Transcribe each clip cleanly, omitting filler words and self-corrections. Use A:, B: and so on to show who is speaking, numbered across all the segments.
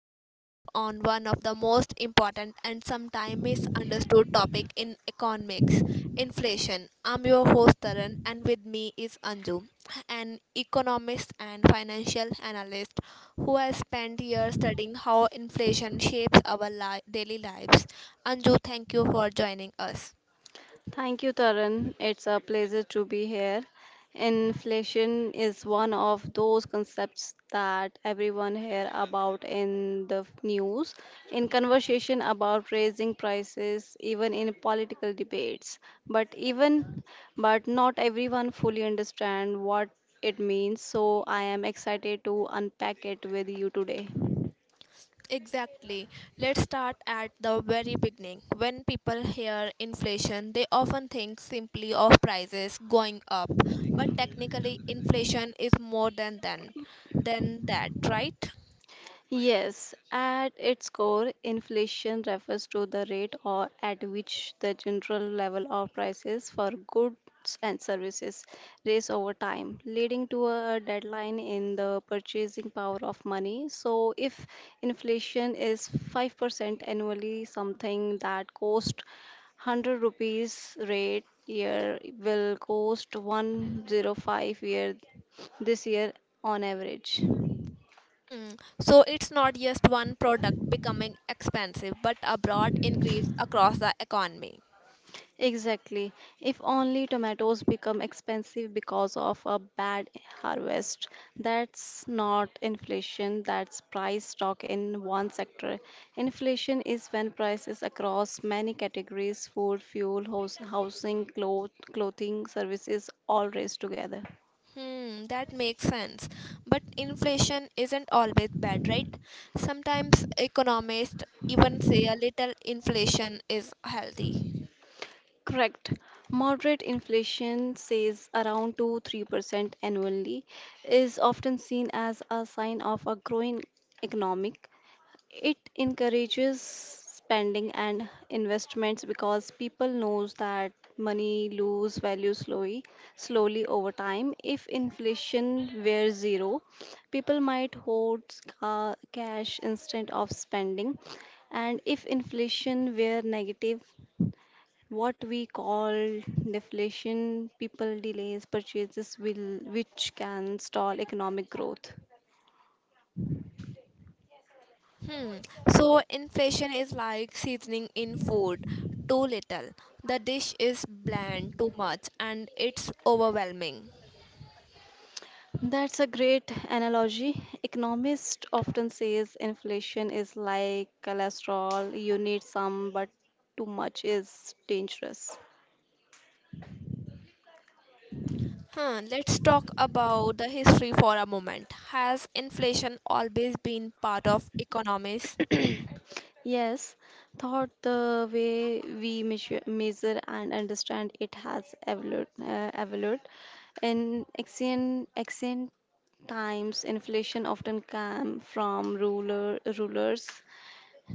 A: podcast on one of the most important and sometimes misunderstood topic in economics, inflation. I'm your host Taran and with me is Anju, an economist and financial analyst who has spent years studying how inflation shapes our daily lives. Anju, thank you for joining us.
B: Thank you, Tarun. It's a pleasure to be here. Inflation is one of those concepts that everyone hear about in the news, in conversation about raising prices, even in political debates. But even but not everyone fully understand what it means, so I am excited to unpack it with you today.
A: Exactly. Let's start at the very beginning. When people hear inflation, they often think simply of prices going up, but technically inflation is more than that, right?
B: Yes, at its core, inflation refers to the rate or at which the general level of prices for goods and services rise over time, leading to a decline in the purchasing power of money. So, if inflation is 5% annually, something that cost 100 rupees rate year will cost 105-year this year on average.
A: Hmm. So it's not just one product becoming expensive, but a broad increase across the economy.
B: Exactly. If only tomatoes become expensive because of a bad harvest, that's not inflation, that's price talk in one sector. Inflation is when prices across many categories food, fuel, housing, clothing, services all raise together.
A: Hmm, that makes sense. But inflation isn't always bad, right? Sometimes economists even say a little inflation is healthy.
B: Correct. Moderate inflation, says around 2 3% annually, is often seen as a sign of a growing economic. It encourages spending and investments because people knows that money lose value slowly over time. If inflation were zero, people might hoard cash instead of spending. And if inflation were negative, what we call deflation, people delays purchases will which can stall economic growth.
A: Hmm. So inflation is like seasoning in food. Too little, the dish is bland; too much and it's overwhelming.
B: That's a great analogy. Economists often says inflation is like cholesterol. You need some, but too much is dangerous.
A: Huh, let's talk about the history for a moment. Has inflation always been part of economies?
B: Yes, thought the way we measure and understand it has evolved. In ancient times, inflation often came from rulers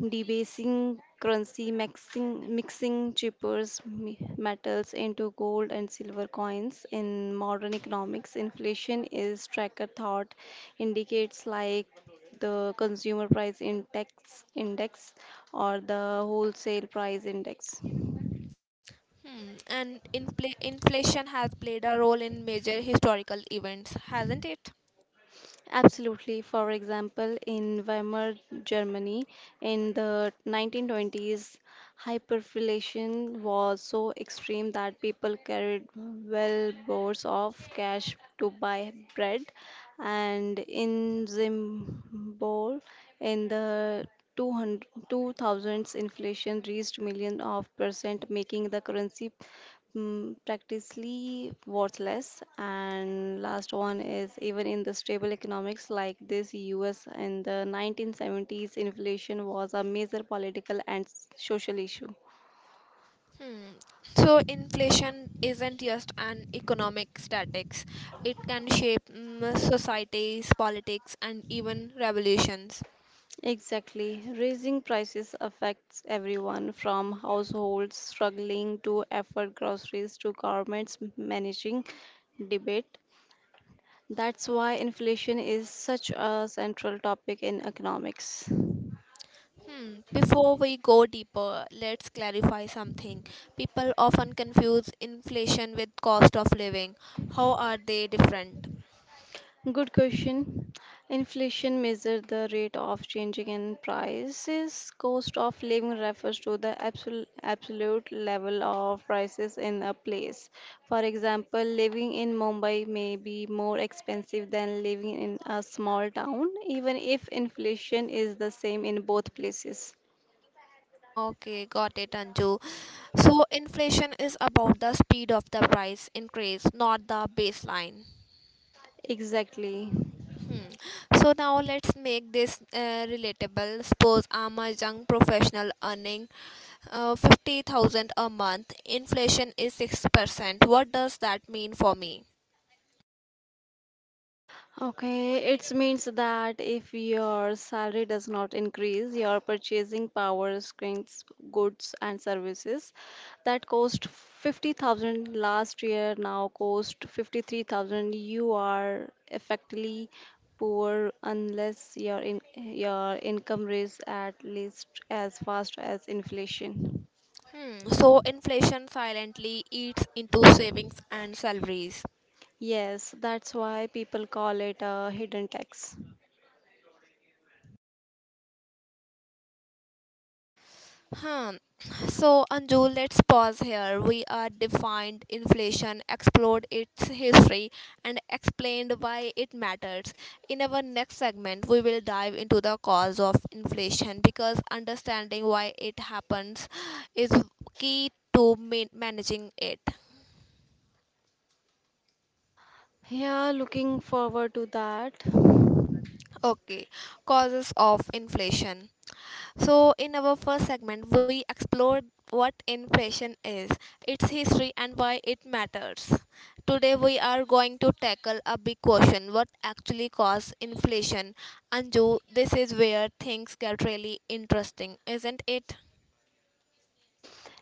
B: debasing currency, mixing cheaper metals into gold and silver coins. In modern economics, inflation is tracker thought indicates like the consumer price index or the wholesale price index.
A: Hmm. And inflation has played a role in major historical events, hasn't it?
B: Absolutely. For example, in Weimar, Germany, in the 1920s, hyperinflation was so extreme that people carried well bores of cash to buy bread. And in Zimbabwe, in the 200, inflation reached million of percent, making the currency practically worthless. And last one is even in the stable economics like this, US in the 1970s, inflation was a major political and social issue.
A: Hmm. So inflation isn't just an economic statics. It can shape societies, politics, and even revolutions.
B: Exactly. Raising prices affects everyone from households struggling to afford groceries to governments managing debate. That's why inflation is such a central topic in economics.
A: Hmm. Before we go deeper, let's clarify something. People often confuse inflation with cost of living. How are they different?
B: Good question. Inflation measures the rate of changing in prices. Cost of living refers to the absolute level of prices in a place. For example, living in Mumbai may be more expensive than living in a small town, even if inflation is the same in both places.
A: Okay, got it, Anju. So inflation is about the speed of the price increase, not the baseline.
B: Exactly.
A: Hmm. So now let's make this relatable. Suppose I'm a young professional earning 50,000 a month. Inflation is 6%. What does that mean for me?
B: Okay, it means that if your salary does not increase, your purchasing power shrinks goods and services that cost 50,000 last year now cost 53,000. You are effectively poor unless your your income rises at least as fast as inflation.
A: Hmm. So inflation silently eats into savings and salaries.
B: Yes, that's why people call it a hidden tax.
A: Hmm. So, Anju, let's pause here. We are defined inflation, explored its history, and explained why it matters. In our next segment, we will dive into the cause of inflation because understanding why it happens is key to managing it.
B: Yeah, looking forward to that.
A: Okay, causes of inflation. So, in our first segment, we explored what inflation is, its history, and why it matters. Today, we are going to tackle a big question: what actually caused inflation? Anju, this is where things get really interesting, isn't it?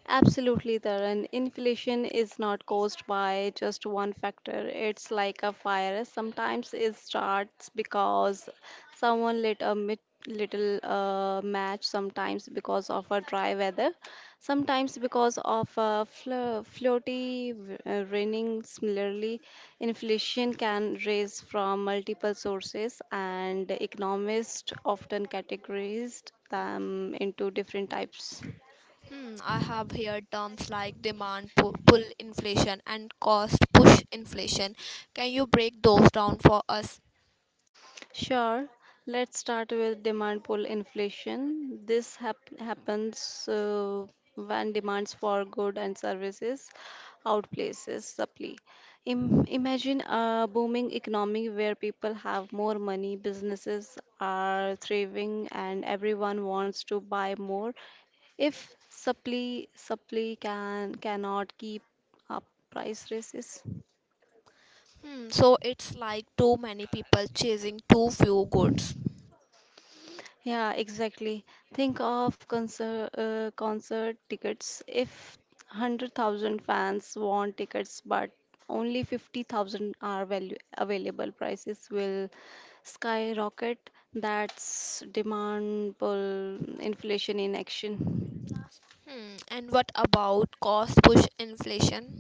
B: Absolutely, Taran. Inflation is not caused by just one factor. It's like a fire. Sometimes it starts because someone lit a little match, sometimes because of a dry weather, sometimes because of a floaty raining. Similarly, inflation can raise from multiple sources, and economists often categorize them into different types.
A: Hmm, I have heard terms like demand pull inflation and cost push inflation. Can you break those down for us?
B: Sure, let's start with demand pull inflation. This happens when demands for goods and services outplaces supply. Imagine a booming economy where people have more money, businesses are thriving, and everyone wants to buy more. If supply cannot keep up price rises.
A: Hmm, so it's like too many people chasing too few goods.
B: Yeah, exactly. Think of concert tickets. If 100,000 fans want tickets but only 50,000 are value available, prices will skyrocket. That's demand pull inflation in action.
A: Hmm. And what about cost push inflation?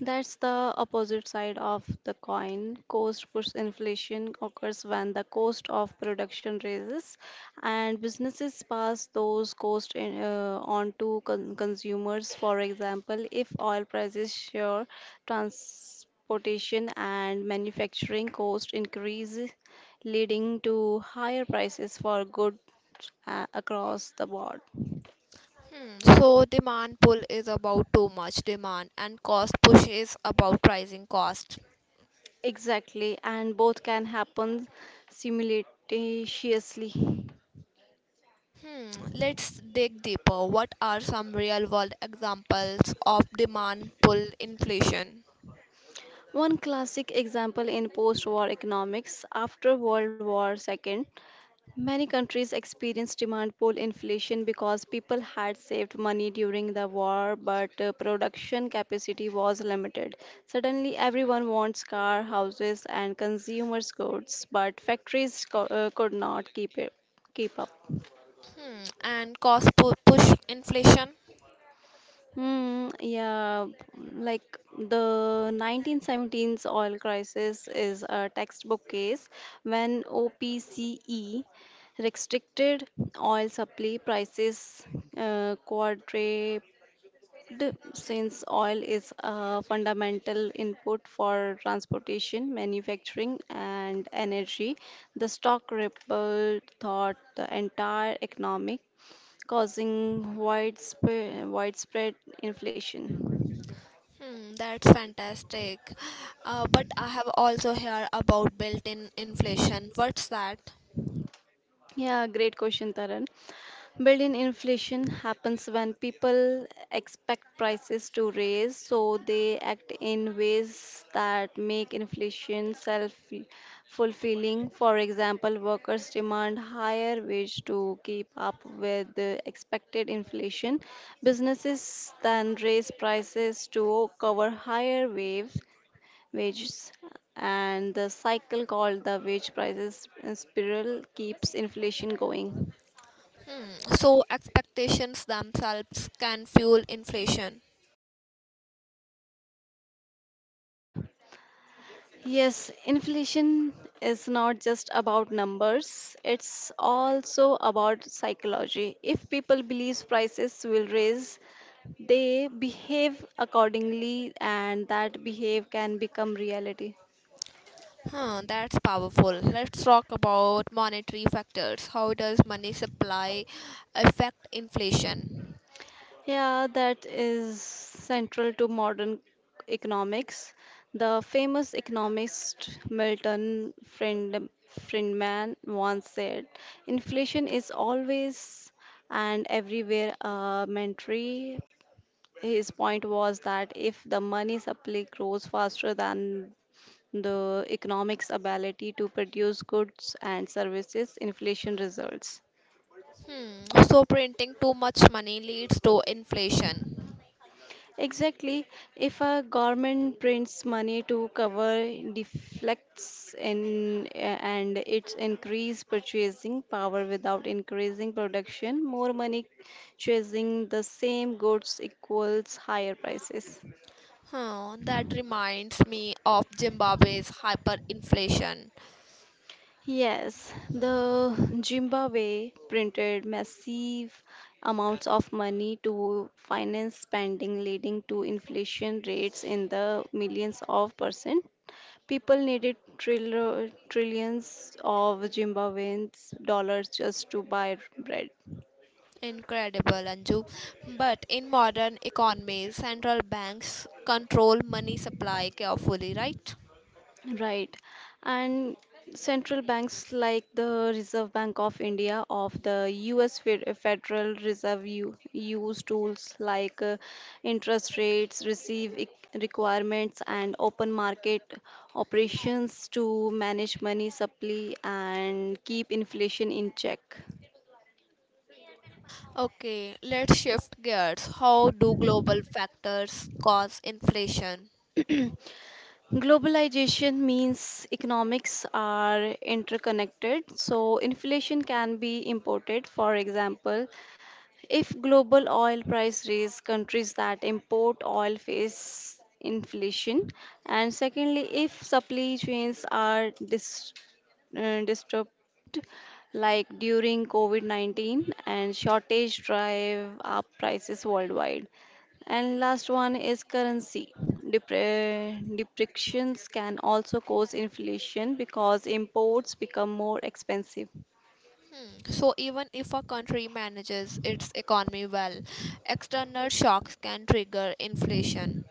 B: That's the opposite side of the coin. Cost push inflation occurs when the cost of production rises, and businesses pass those costs on to consumers. For example, if oil prices soar, transportation and manufacturing costs increase, leading to higher prices for goods across the board.
A: Hmm. So demand pull is about too much demand and cost push is about rising cost.
B: Exactly, and both can happen simultaneously.
A: Hmm. Let's dig deeper. What are some real world examples of demand pull inflation?
B: One classic example in post war economics after World War II, many countries experienced demand pull inflation because people had saved money during the war but production capacity was limited. Suddenly, everyone wants cars, houses, and consumer goods, but factories could not keep up.
A: Hmm. And cost push inflation?
B: Hmm, yeah, like the 1917's oil crisis is a textbook case when OPCE restricted oil supply prices quadrupled since oil is a fundamental input for transportation, manufacturing, and energy. The stock ripple thought the entire economic causing widespread inflation?
A: Hmm, that's fantastic. But I have also heard about built-in inflation. What's that?
B: Yeah, great question, Taran. Built-in inflation happens when people expect prices to rise, so they act in ways that make inflation self-fulfilling. For example, workers demand higher wage to keep up with the expected inflation. Businesses then raise prices to cover higher waves wages, and the cycle called the wage prices spiral keeps inflation going.
A: Hmm. So expectations themselves can fuel inflation.
B: Yes, inflation is not just about numbers, it's also about psychology. If people believe prices will raise, they behave accordingly, and that behave can become reality.
A: Huh, that's powerful. Let's talk about monetary factors. How does money supply affect inflation?
B: Yeah, that is central to modern economics. The famous economist Friedman once said, "Inflation is always and everywhere a mandatory." His point was that if the money supply grows faster than the economic's ability to produce goods and services, inflation results.
A: Hmm. So printing too much money leads to inflation.
B: Exactly. If a government prints money to cover deflects, and it's increase purchasing power without increasing production, more money chasing the same goods equals higher prices.
A: Huh, that reminds me of Zimbabwe's hyperinflation.
B: Yes, the Zimbabwe printed massive amounts of money to finance spending, leading to inflation rates in the millions of percent. People needed trillions of Zimbabweans dollars just to buy bread.
A: Incredible, Anju. But in modern economies, central banks control money supply carefully, right?
B: Right. And central banks like the Reserve Bank of India of the US Federal Reserve use tools like interest rates, requirements, and open market operations to manage money supply and keep inflation in check.
A: Okay, let's shift gears. How do global factors cause inflation?
B: Globalization means economics are interconnected, so inflation can be imported. For example, if global oil price raise, countries that import oil face inflation. And secondly, if supply chains are disrupted, like during COVID 19, and shortage drive up prices worldwide. And last one is currency. Depreciations can also cause inflation because imports become more expensive.
A: Hmm. So, even if a country manages its economy well, external shocks can trigger inflation.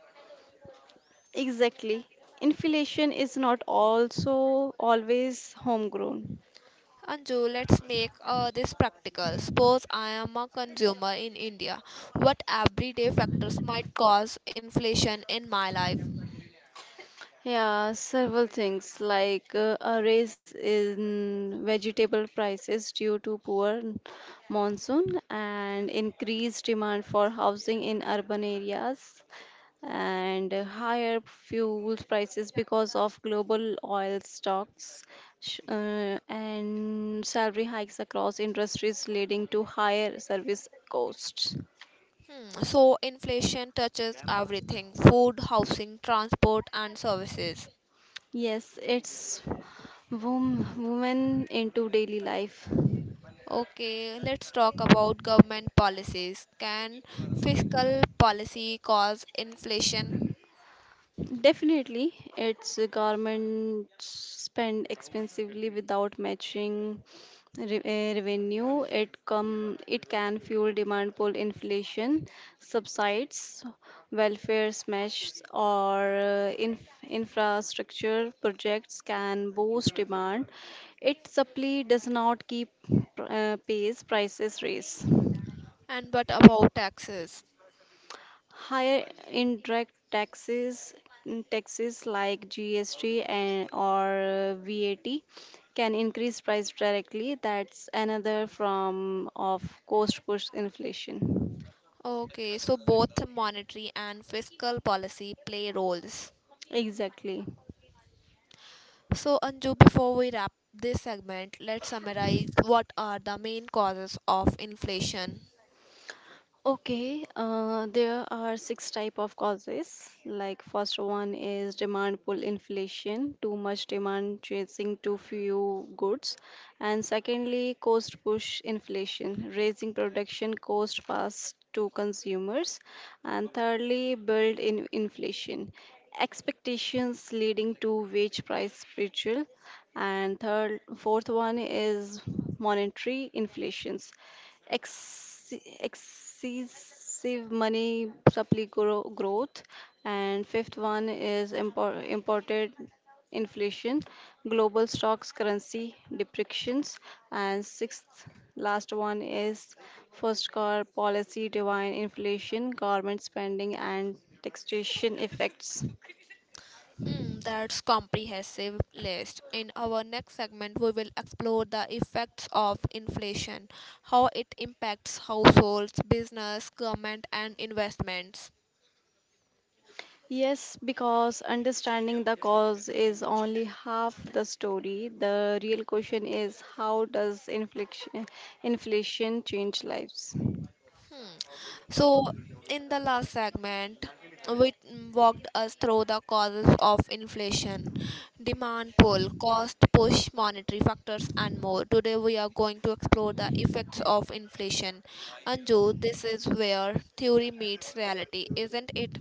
B: Exactly. Inflation is not also always homegrown.
A: Anju, let's make this practical. Suppose I am a consumer in India. What everyday factors might cause inflation in my life?
B: Yeah, several things like a raise in vegetable prices due to poor monsoon, and increased demand for housing in urban areas, and higher fuel prices because of global oil stocks and salary hikes across industries leading to higher service costs.
A: Hmm. So, inflation touches everything: food, housing, transport, and services.
B: Yes, it's women into daily life.
A: Okay, let's talk about government policies. Can fiscal policy cause inflation?
B: Definitely, it's a government spend expensively without matching revenue. It can fuel demand pull inflation, subsides, welfare smash, or infrastructure projects can boost demand. Its supply does not keep pace, prices raise.
A: And what about taxes?
B: Higher indirect taxes, taxes like GST and or VAT can increase price directly. That's another form of cost push inflation.
A: Okay, so both monetary and fiscal policy play roles.
B: Exactly.
A: So, Anju, before we wrap this segment, let's summarize what are the main causes of inflation.
B: Okay, there are six type of causes. Like first one is demand pull inflation, too much demand chasing too few goods, and secondly cost push inflation, raising production cost fast to consumers, and thirdly build in inflation, expectations leading to wage price spiritual, and third fourth one is monetary inflations. Ex- Save money, supply growth, and fifth one is imported inflation, global stocks, currency depreciations, and sixth last one is first car policy, divine inflation, government spending, and taxation effects.
A: Hmm, that's comprehensive list. In our next segment, we will explore the effects of inflation, how it impacts households, business, government, and investments.
B: Yes, because understanding the cause is only half the story. The real question is how does inflation change lives?
A: Hmm. So, in the last segment, we walked us through the causes of inflation, demand pull, cost push, monetary factors, and more. Today, we are going to explore the effects of inflation. Anju, this is where theory meets reality, isn't it?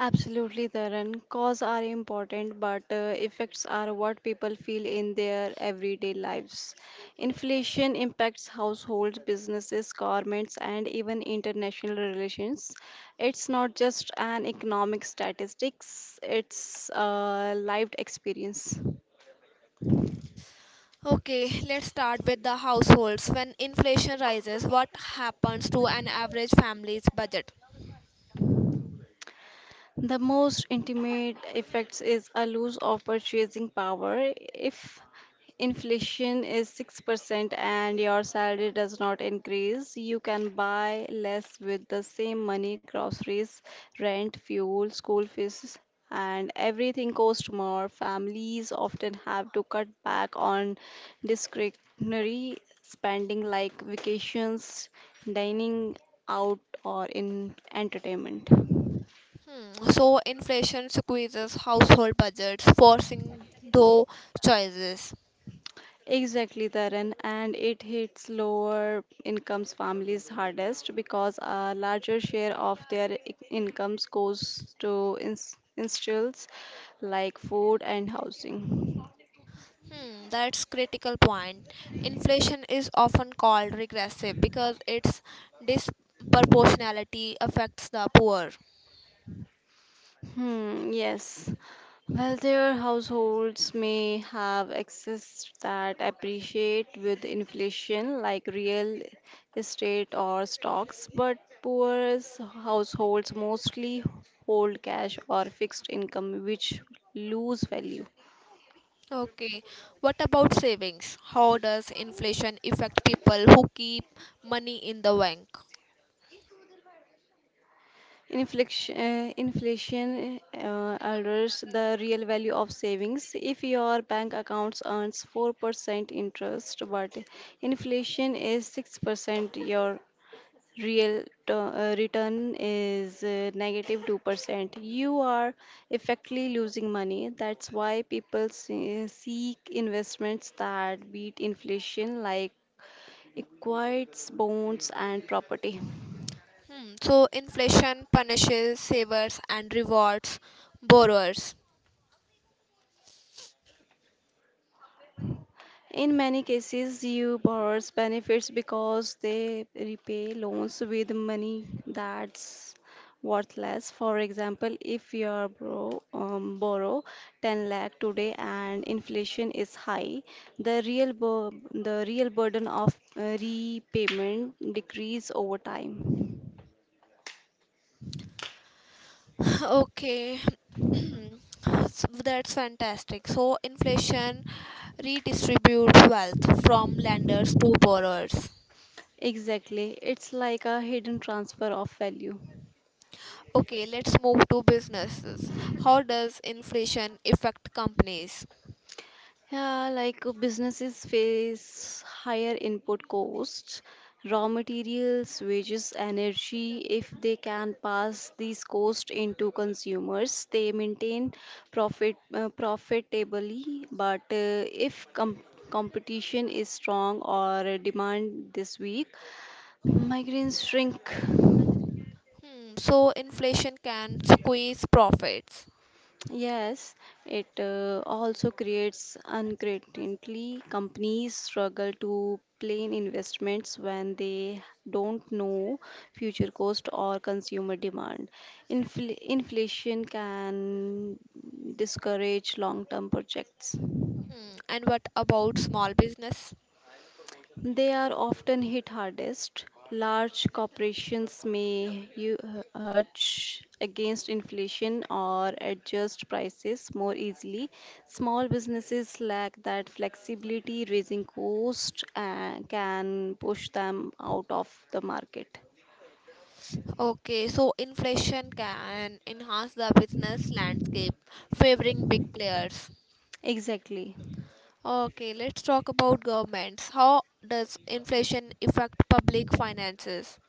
B: Absolutely, Taran. Cause are important, but effects are what people feel in their everyday lives. Inflation impacts households, businesses, governments, and even international relations. It's not just an economic statistics; it's a lived experience.
A: Okay, let's start with the households. When inflation rises, what happens to an average family's budget?
B: The most intimate effects is a loss of purchasing power. If inflation is 6% and your salary does not increase, you can buy less with the same money groceries, rent, fuel, school fees, and everything costs more. Families often have to cut back on discretionary spending like vacations, dining out, or in entertainment.
A: Hmm, so, inflation squeezes household budgets, forcing those choices.
B: Exactly, Taran, and it hits lower incomes families hardest because a larger share of their incomes goes to instincts like food and housing.
A: Hmm, that's critical point. Inflation is often called regressive because its disproportionality affects the poor.
B: Hmm, yes. Wealthier households may have access that appreciate with inflation, like real estate or stocks, but poor households mostly hold cash or fixed income, which lose value.
A: Okay, what about savings? How does inflation affect people who keep money in the bank?
B: Inflation alters the real value of savings. If your bank accounts earns 4% interest, but inflation is 6%, your return is 2%. You are effectively losing money. That's why people seek investments that beat inflation, like equities, bonds, and property.
A: Hmm, so inflation punishes savers and rewards borrowers.
B: In many cases, you borrowers benefits because they repay loans with money that's worthless. For example, if your borrow 10 lakh today and inflation is high, the real bur- the real burden of repayment decrease over time.
A: Okay, so that's fantastic. So inflation redistributes wealth from lenders to borrowers.
B: Exactly, it's like a hidden transfer of value.
A: Okay, let's move to businesses. How does inflation affect companies?
B: Yeah, businesses face higher input costs, raw materials, wages, energy. If they can pass these costs into consumers, they maintain profitably. But if competition is strong or demand this weak, migraines shrink.
A: Hmm, so inflation can squeeze profits.
B: Yes, it also creates uncertainty. Companies struggle to plan investments when they don't know future cost or consumer demand. Inflation can discourage long-term projects.
A: Hmm, and what about small business?
B: They are often hit hardest. Large corporations may hedge against inflation or adjust prices more easily. Small businesses lack that flexibility, raising costs and can push them out of the market.
A: Okay, so inflation can enhance the business landscape, favoring big players.
B: Exactly.
A: Okay, let's talk about governments. How does inflation affect public finances?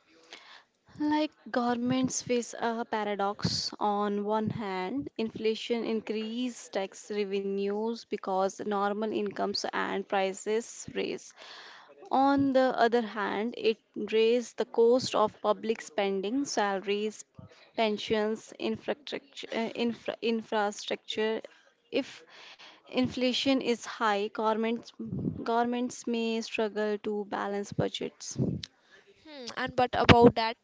B: Like, governments face a paradox. On one hand, inflation increases tax revenues because normal incomes and prices raise. On the other hand, it raised the cost of public spending, salaries, pensions, infrastructure, infrastructure. If inflation is high, governments may struggle to balance budgets.
A: Hmm, and but about that,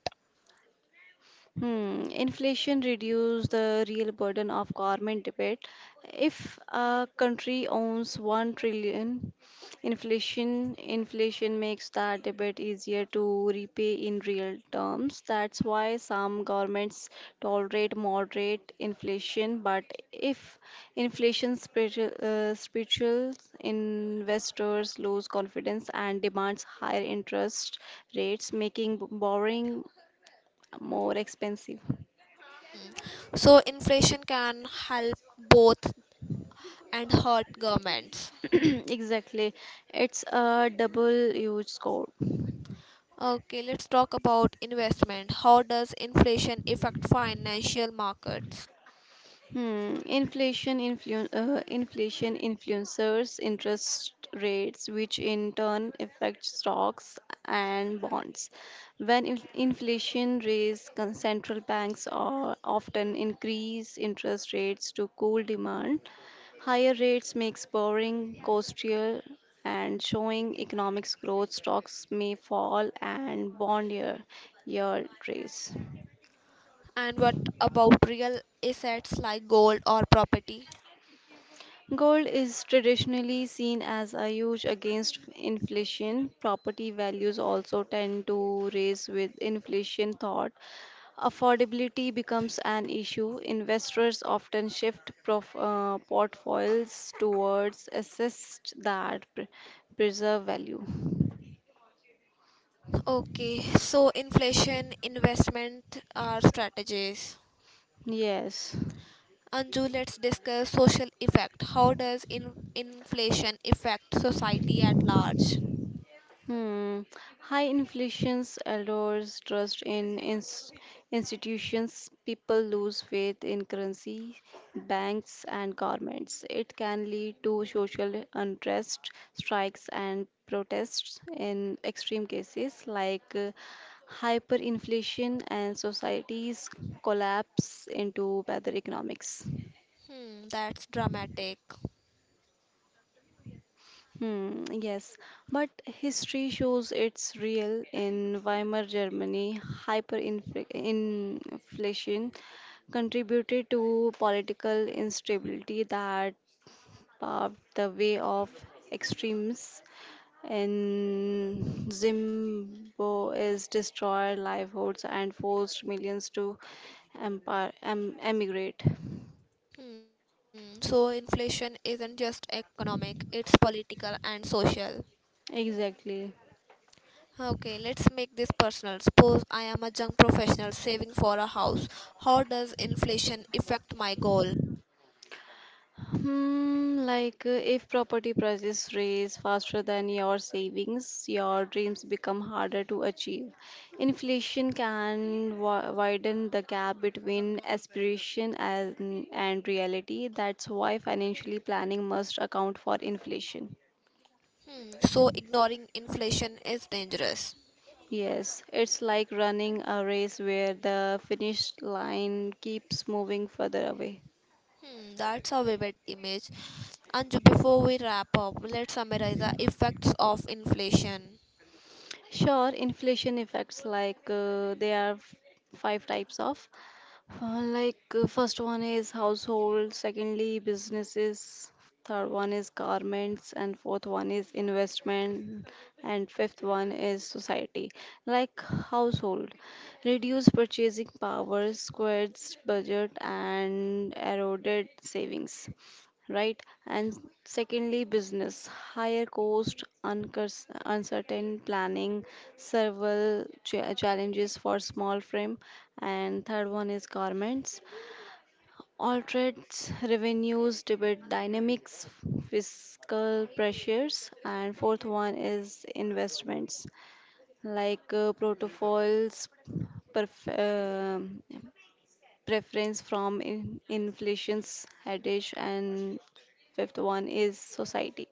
B: Hmm, inflation reduce the real burden of government debt. If a country owns 1 trillion, inflation makes that debt easier to repay in real terms. That's why some governments tolerate moderate inflation. But if inflation spiritual investors lose confidence and demands higher interest rates, making borrowing more expensive.
A: hmm. So inflation can help both and hurt governments.
B: Exactly. It's a double-edged sword.
A: Okay, let's talk about investment. How does inflation affect financial markets?
B: Hmm, inflation influencers interest rates, which in turn affect stocks and bonds. When inflation raises, central banks are often increase interest rates to cool demand. Higher rates makes borrowing costlier and showing economics growth stocks may fall and bond year, raise.
A: And what about real assets like gold or property?
B: Gold is traditionally seen as a huge against inflation. Property values also tend to rise with inflation thought. Affordability becomes an issue. Investors often shift portfolios towards assets that preserve value.
A: Okay, so inflation, investment are strategies.
B: Yes.
A: Anju, let's discuss social effect. How does inflation affect society at large?
B: Hmm. High inflations erodes trust in institutions. People lose faith in currency, banks, and governments. It can lead to social unrest, strikes, and protests in extreme cases like hyperinflation and societies collapse into bad economics.
A: Hmm, that's dramatic.
B: Hmm, yes, but history shows it's real in Weimar Germany. Hyperinflation contributed to political instability that paved the way of extremes. In Zimbabwe is destroyed livelihoods and forced millions to emigrate.
A: Hmm, so inflation isn't just economic, it's political and social.
B: Exactly.
A: Okay, let's make this personal. Suppose I am a young professional saving for a house. How does inflation affect my goal?
B: Hmm, if property prices rise faster than your savings, your dreams become harder to achieve. Inflation can widen the gap between aspiration and reality. That's why financially planning must account for inflation.
A: Hmm, so ignoring inflation is dangerous.
B: Yes, it's like running a race where the finish line keeps moving further away.
A: Hmm, that's a vivid image. And Anju, before we wrap up, let's summarize the effects of inflation.
B: Sure, inflation effects they are five types of. First one is household, secondly businesses, third one is garments, and fourth one is investment, and fifth one is society. Like household, reduce purchasing power, squares budget, and eroded savings, right? And secondly, business, higher cost, uncertain planning, several challenges for small frame, and third one is garments. All trades revenues debate dynamics, fiscal pressures, and fourth one is investments like protocols, perf- um preference from inflation's headache, and fifth one is society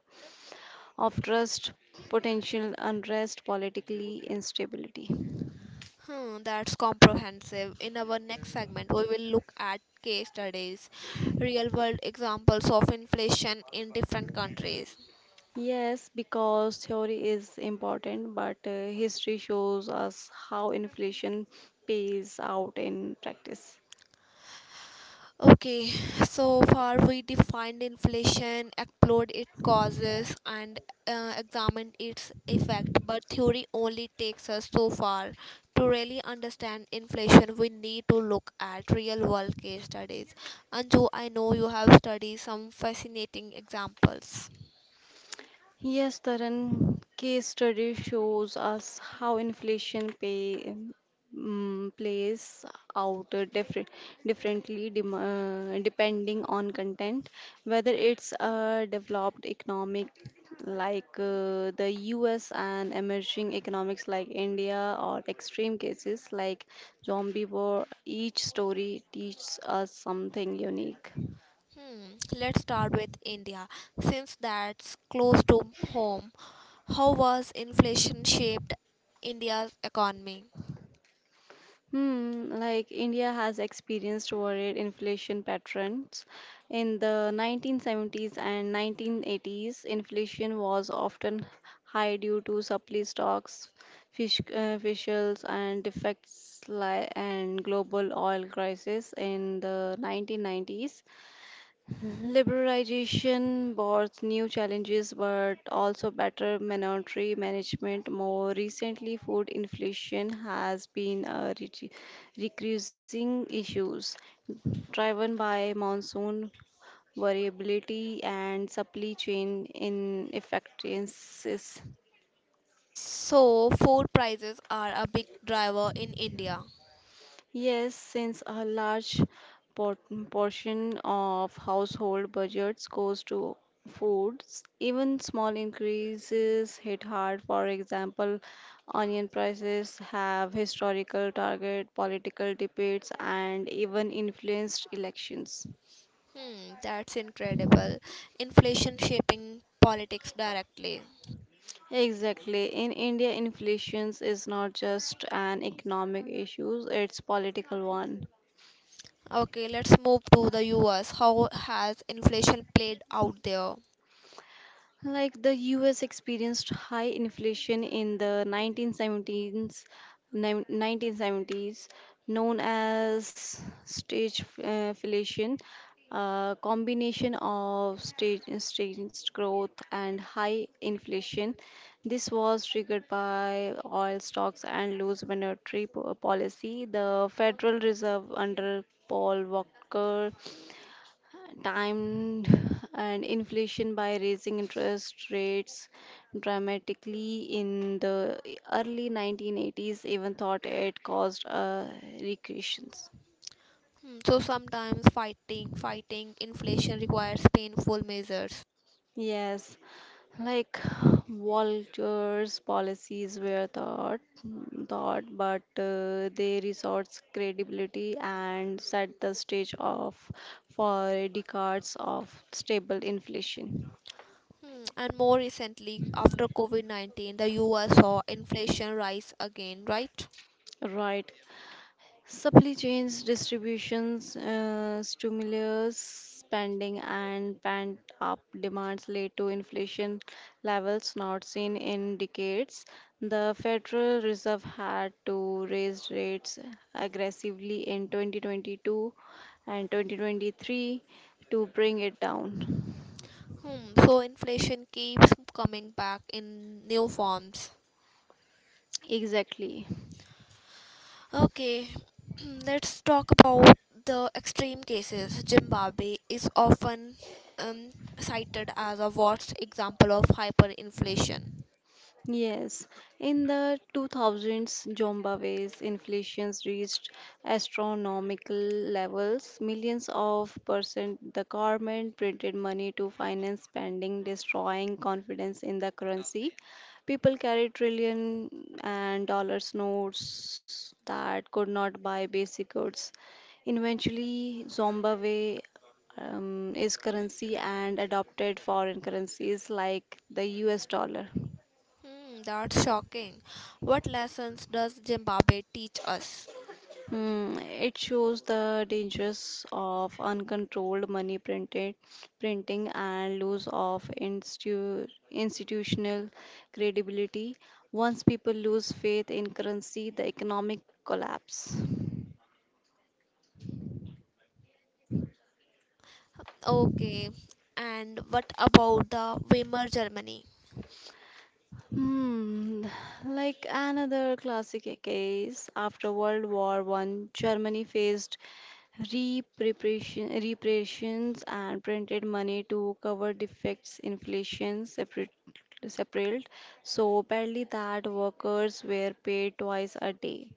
B: of trust, potential unrest, politically instability.
A: Hmm, that's comprehensive. In our next segment, we will look at case studies, real world examples of inflation in different countries.
B: Yes, because theory is important, but history shows us how inflation pays out in practice.
A: Okay, so far we defined inflation, explored its causes, and examined its effect, but theory only takes us so far. To really understand inflation, we need to look at real world case studies. Anju, I know you have studied some fascinating examples.
B: Yes, Taran, case study shows us how inflation plays out differently depending on content, whether it's a developed economic like the US and emerging economics like India or extreme cases like zombie war, each story teaches us something unique.
A: Hmm, let's start with India. Since that's close to home, how was inflation shaped India's economy?
B: Hmm, like India has experienced varied inflation patterns. In the 1970s and 1980s, inflation was often high due to supply stocks, officials, and defects and global oil crisis in the 1990s. Liberalization brought new challenges but also better monetary management. More recently, food inflation has been a recurring issue driven by monsoon variability and supply chain inefficiencies.
A: So, food prices are a big driver in India.
B: Yes, since a large por- portion of household budgets goes to foods, even small increases hit hard. For example, onion prices have historical target, political debates, and even influenced elections.
A: Hmm, that's incredible. Inflation shaping politics directly.
B: Exactly. In India, inflation is not just an economic issue, it's political one.
A: Okay, let's move to the US. How has inflation played out there?
B: Like the US experienced high inflation in the 1970s, known as stage inflation, a combination of staged growth and high inflation. This was triggered by oil stocks and loose monetary policy. The Federal Reserve under Paul Volcker timed and inflation by raising interest rates dramatically in the early 1980s, even thought it caused a recession.
A: Hmm, so sometimes fighting inflation requires painful measures.
B: Yes, like Walter's policies were thought, but they resorts credibility and set the stage of for decades of stable inflation.
A: Hmm, and more recently, after COVID-19, the US saw inflation rise again, right?
B: Right. Supply chains, distributions, stimulus spending, and pent up demands led to inflation levels not seen in decades. The Federal Reserve had to raise rates aggressively in 2022 and 2023 to bring it down.
A: Hmm, so inflation keeps coming back in new forms.
B: Exactly.
A: Okay, let's talk about the extreme cases. Zimbabwe is often um, cited as a worst example of hyperinflation.
B: Yes, in the 2000s, Zimbabwe's inflation reached astronomical levels. Millions of percent the government printed money to finance spending, destroying confidence in the currency. People carried trillion and dollars notes that could not buy basic goods. Eventually, Zimbabwe is currency and adopted foreign currencies like the US dollar.
A: Hmm, that's shocking. What lessons does Zimbabwe teach us?
B: Hmm, it shows the dangers of uncontrolled printing and loss of institutional credibility. Once people lose faith in currency, the economic collapse.
A: Okay, and what about the Weimar Germany?
B: Hmm, like another classic case, after World War I, Germany faced repressions and printed money to cover defects, inflation, separate, so badly that workers were paid twice a day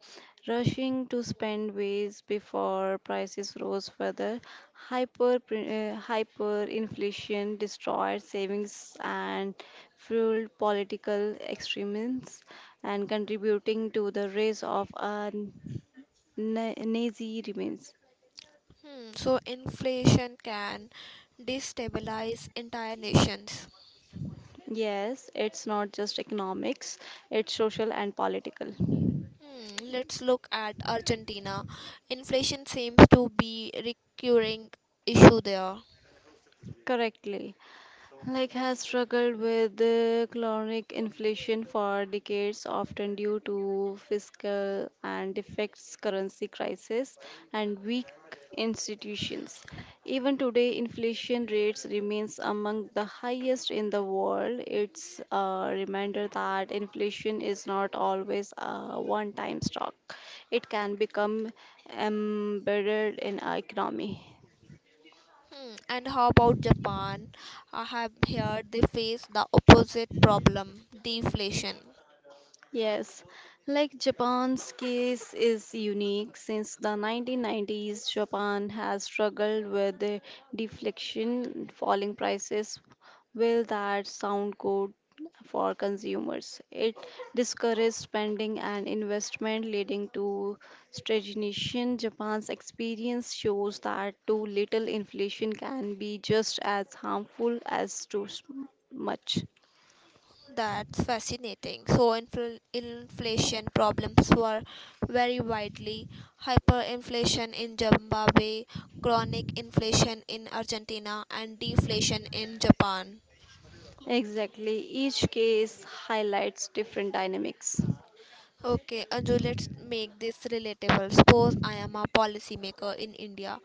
B: rushing to spend ways before prices rose further. Hyperinflation destroyed savings and fueled political extremism and contributing to the rise of Nazi remains.
A: Hmm, so inflation can destabilize entire nations.
B: Yes, it's not just economics, it's social and political.
A: Hmm, let's look at Argentina. Inflation seems to be recurring issue there.
B: Correctly. Like has struggled with the chronic inflation for decades, often due to fiscal and effects currency crisis and weak institutions. Even today inflation rates remains among the highest in the world. It's a reminder that inflation is not always a one time stock. It can become embedded in our economy.
A: Hmm, and how about Japan? I have heard they face the opposite problem, deflation.
B: Yes, like Japan's case is unique. Since the 1990s, Japan has struggled with the deflation, falling prices. Will that sound good for consumers? It discouraged spending and investment, leading to stagnation. Japan's experience shows that too little inflation can be just as harmful as too much.
A: That's fascinating. So inflation problems were very widely. Hyperinflation in Zimbabwe, chronic inflation in Argentina, and deflation in Japan.
B: Exactly. Each case highlights different dynamics.
A: Okay, Anju, let's make this relatable. Suppose I am a policymaker in India.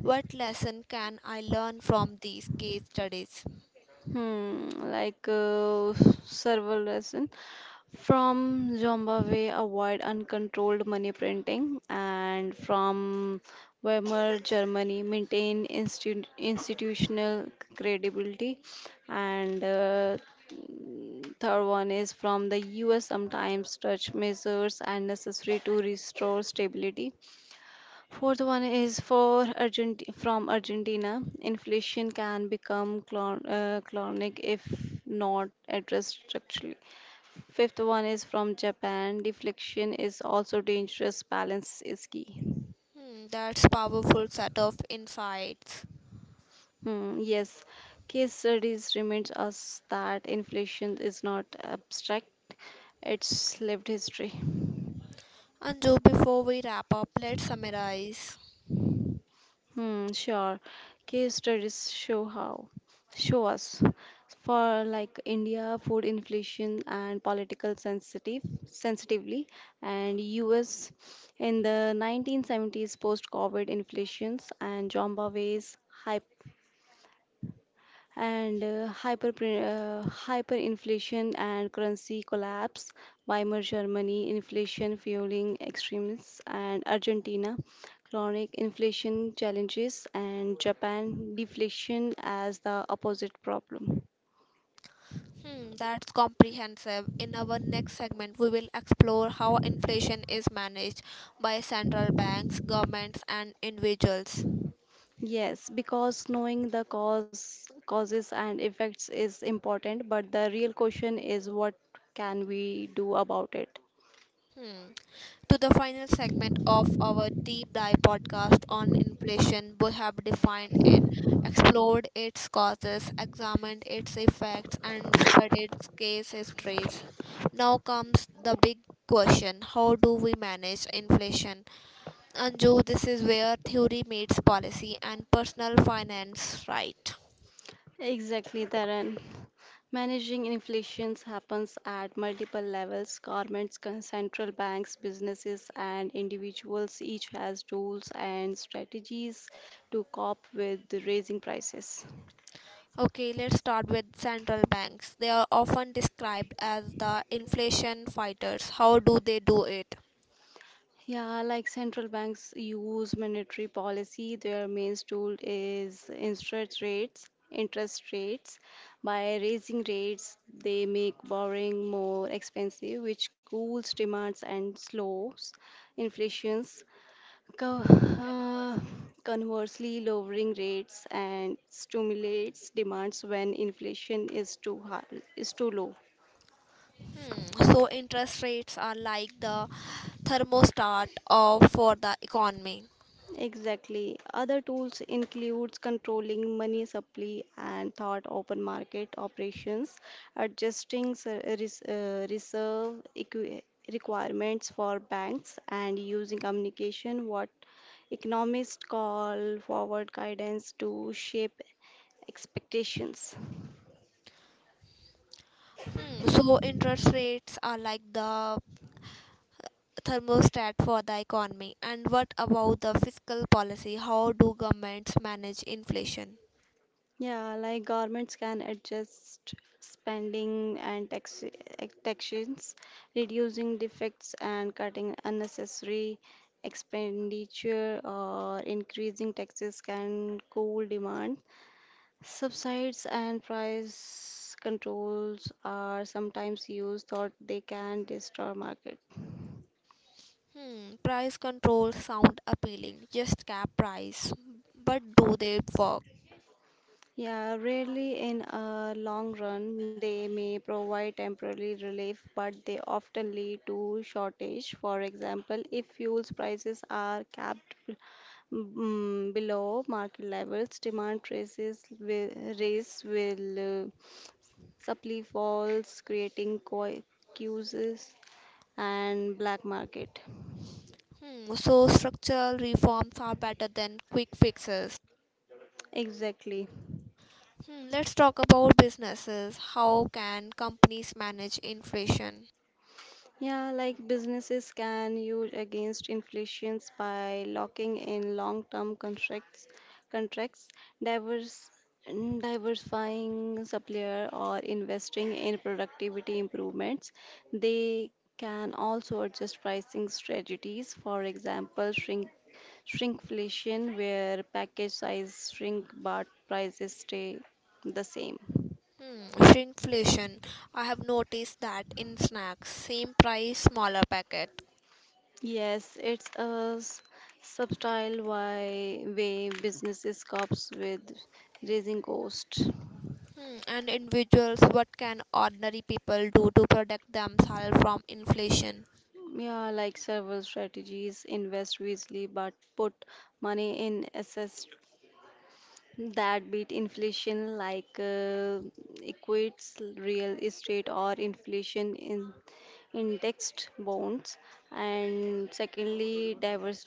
A: What lesson can I learn from these case studies?
B: Hmm, several lesson from Zimbabwe avoid uncontrolled money printing, and from Weimar Germany maintain institutional credibility, and third one is from the U.S. sometimes touch measures and necessary to restore stability. Fourth one is for Argent from Argentina. Inflation can become chronic if not addressed structurally. Fifth one is from Japan. Deflection is also dangerous. Balance is key.
A: Hmm, that's powerful set of insights.
B: Hmm, yes, case studies reminds us that inflation is not abstract; it's lived history.
A: Anju, before we wrap up, let's summarize.
B: Hmm, sure. Case studies show how, Show us. For like India, food inflation and political sensitively, and US in the 1970s post-COVID inflations, and Zimbabwe's and hyperinflation and currency collapse, Weimar Germany, inflation fueling extremists, and Argentina, chronic inflation challenges, and Japan, deflation as the opposite problem.
A: Hmm, that's comprehensive. In our next segment, we will explore how inflation is managed by central banks, governments, and individuals.
B: Yes, because knowing causes and effects is important, but the real question is what can we do about it?
A: Hmm. To the final segment of our deep dive podcast on inflation. We have defined it, explored its causes, examined its effects, and studied its case histories. Now comes the big question: how do we manage inflation? Anju, this is where theory meets policy and personal finance, right?
B: Exactly, Taran. Managing inflation happens at multiple levels, governments, central banks, businesses, and individuals each has tools and strategies to cope with the raising prices.
A: Okay, let's start with central banks. They are often described as the inflation fighters. How do they do it?
B: Yeah, like central banks use monetary policy, their main tool is interest rates. By raising rates, they make borrowing more expensive, which cools demands and slows inflations. Co- uh, Conversely, lowering rates and stimulates demands when inflation is too low.
A: Hmm, so interest rates are like the thermostat of for the economy.
B: Exactly. Other tools includes controlling money supply and thought open market operations, adjusting reserve requirements for banks, and using communication, what economists call forward guidance, to shape expectations.
A: Hmm. So interest rates are like the thermostat for the economy. And what about the fiscal policy? How do governments manage inflation?
B: Yeah, like governments can adjust spending and taxations, reducing defects and cutting unnecessary expenditure or increasing taxes can cool demand. Subsides and price controls are sometimes used thought they can destroy market.
A: Hmm. Price control sound appealing. Just cap price. But do they work?
B: Yeah, rarely in a long run, they may provide temporary relief, but they often lead to shortage. For example, if fuel prices are capped mm, below market levels, race will supply falls, creating queues and black market.
A: Hmm. So structural reforms are better than quick fixes.
B: Exactly.
A: Hmm, let's talk about businesses. How can companies manage inflation?
B: Yeah, like businesses can use against inflations by locking in contracts, divers, diversifying supplier, or investing in productivity improvements. They can also adjust pricing strategies. For example, shrinkflation, where package size shrink but prices stay the same.
A: Hmm, shrinkflation. I have noticed that in snacks, same price, smaller packet.
B: Yes, it's a subtle why way businesses copes with raising costs.
A: Hmm, and individuals, what can ordinary people do to protect themselves from inflation?
B: Yeah, like several strategies, invest wisely but put money in assets that beat inflation like equates real estate or inflation in indexed bonds, and secondly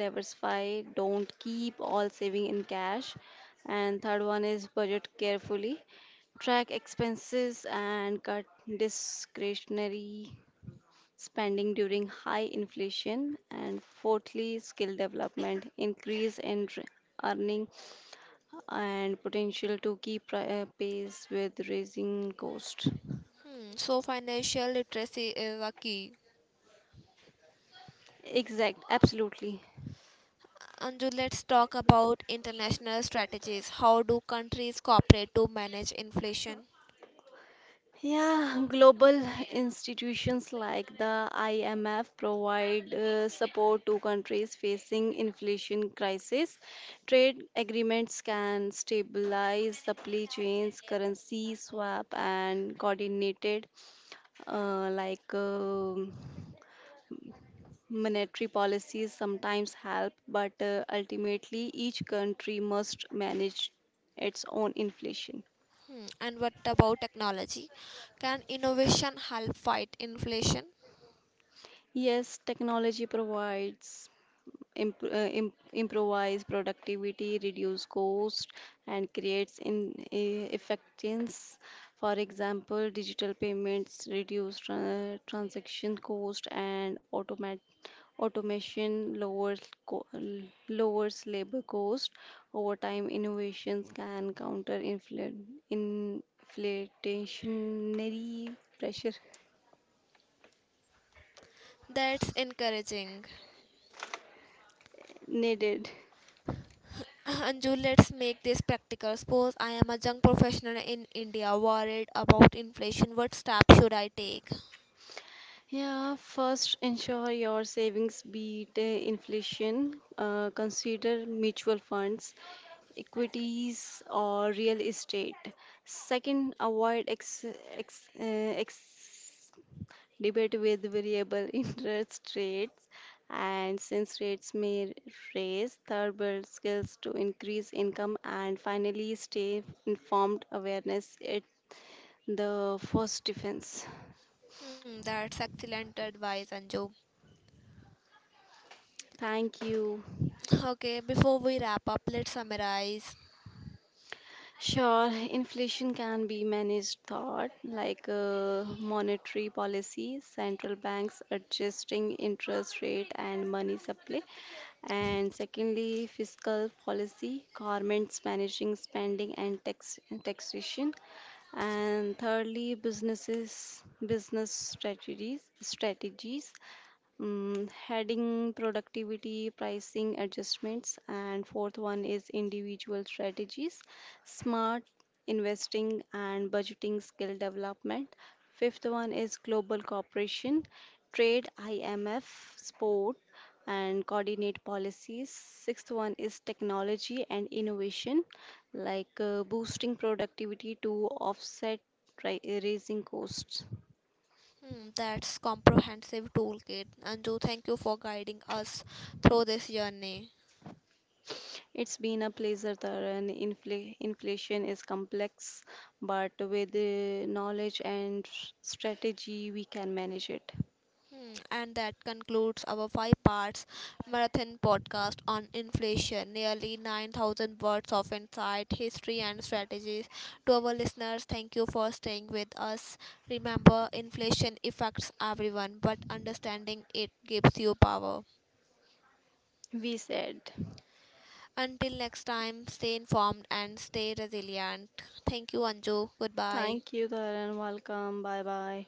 B: diversify, don't keep all saving in cash, and third one is budget carefully, track expenses and cut discretionary spending during high inflation, and fourthly, skill development, increase in earning and potential to keep pace with rising cost.
A: Hmm, so financial literacy is a key.
B: Absolutely.
A: Anju, let's talk about international strategies. How do countries cooperate to manage inflation?
B: Yeah, global institutions like the IMF provide support to countries facing inflation crisis. Trade agreements can stabilize supply chains, currency swap, and coordinated uh, like um monetary policies sometimes help, but ultimately each country must manage its own inflation.
A: Hmm, and what about technology? Can innovation help fight inflation?
B: Yes, technology provides improvise productivity, reduce cost, and creates in effectiveness. For example, digital payments reduce transaction cost and automation lowers co- l- lowers labor cost. Over time, innovations can counter inflationary pressure
A: That's encouraging.
B: needed.
A: Anju, let's make this practical. Suppose I am a young professional in India, worried about inflation. What step should I take?
B: Yeah, first ensure your savings beat inflation. Consider mutual funds, equities, or real estate. Second, avoid ex, ex, ex debate with variable interest rates. And since rates may raise, third, build skills to increase income. And finally, stay informed awareness at the first defense.
A: Hmm, that's excellent advice, Anju.
B: Thank you.
A: Okay, before we wrap up, let's summarize.
B: Sure, inflation can be managed thought like monetary policy, central banks adjusting interest rate and money supply, and secondly, fiscal policy, governments managing spending and taxation, and thirdly business strategies mm, heading productivity pricing adjustments, and fourth one is individual strategies, smart investing and budgeting skill development, fifth one is global cooperation, trade IMF sport and coordinate policies, sixth one is technology and innovation like boosting productivity to offset raising costs.
A: Hmm, that's comprehensive toolkit. Anju, thank you for guiding us through this journey.
B: It's been a pleasure, Taran. Inflation is complex, but with knowledge and strategy, we can manage it.
A: Hmm, and that concludes our five parts marathon podcast on inflation. Nearly 9,000 words of insight, history, and strategies. To our listeners, thank you for staying with us. Remember, inflation affects everyone, but understanding it gives you power.
B: We said.
A: Until next time, stay informed and stay resilient. Thank you, Anju. Goodbye.
B: Thank you, Taran. Welcome. Bye bye.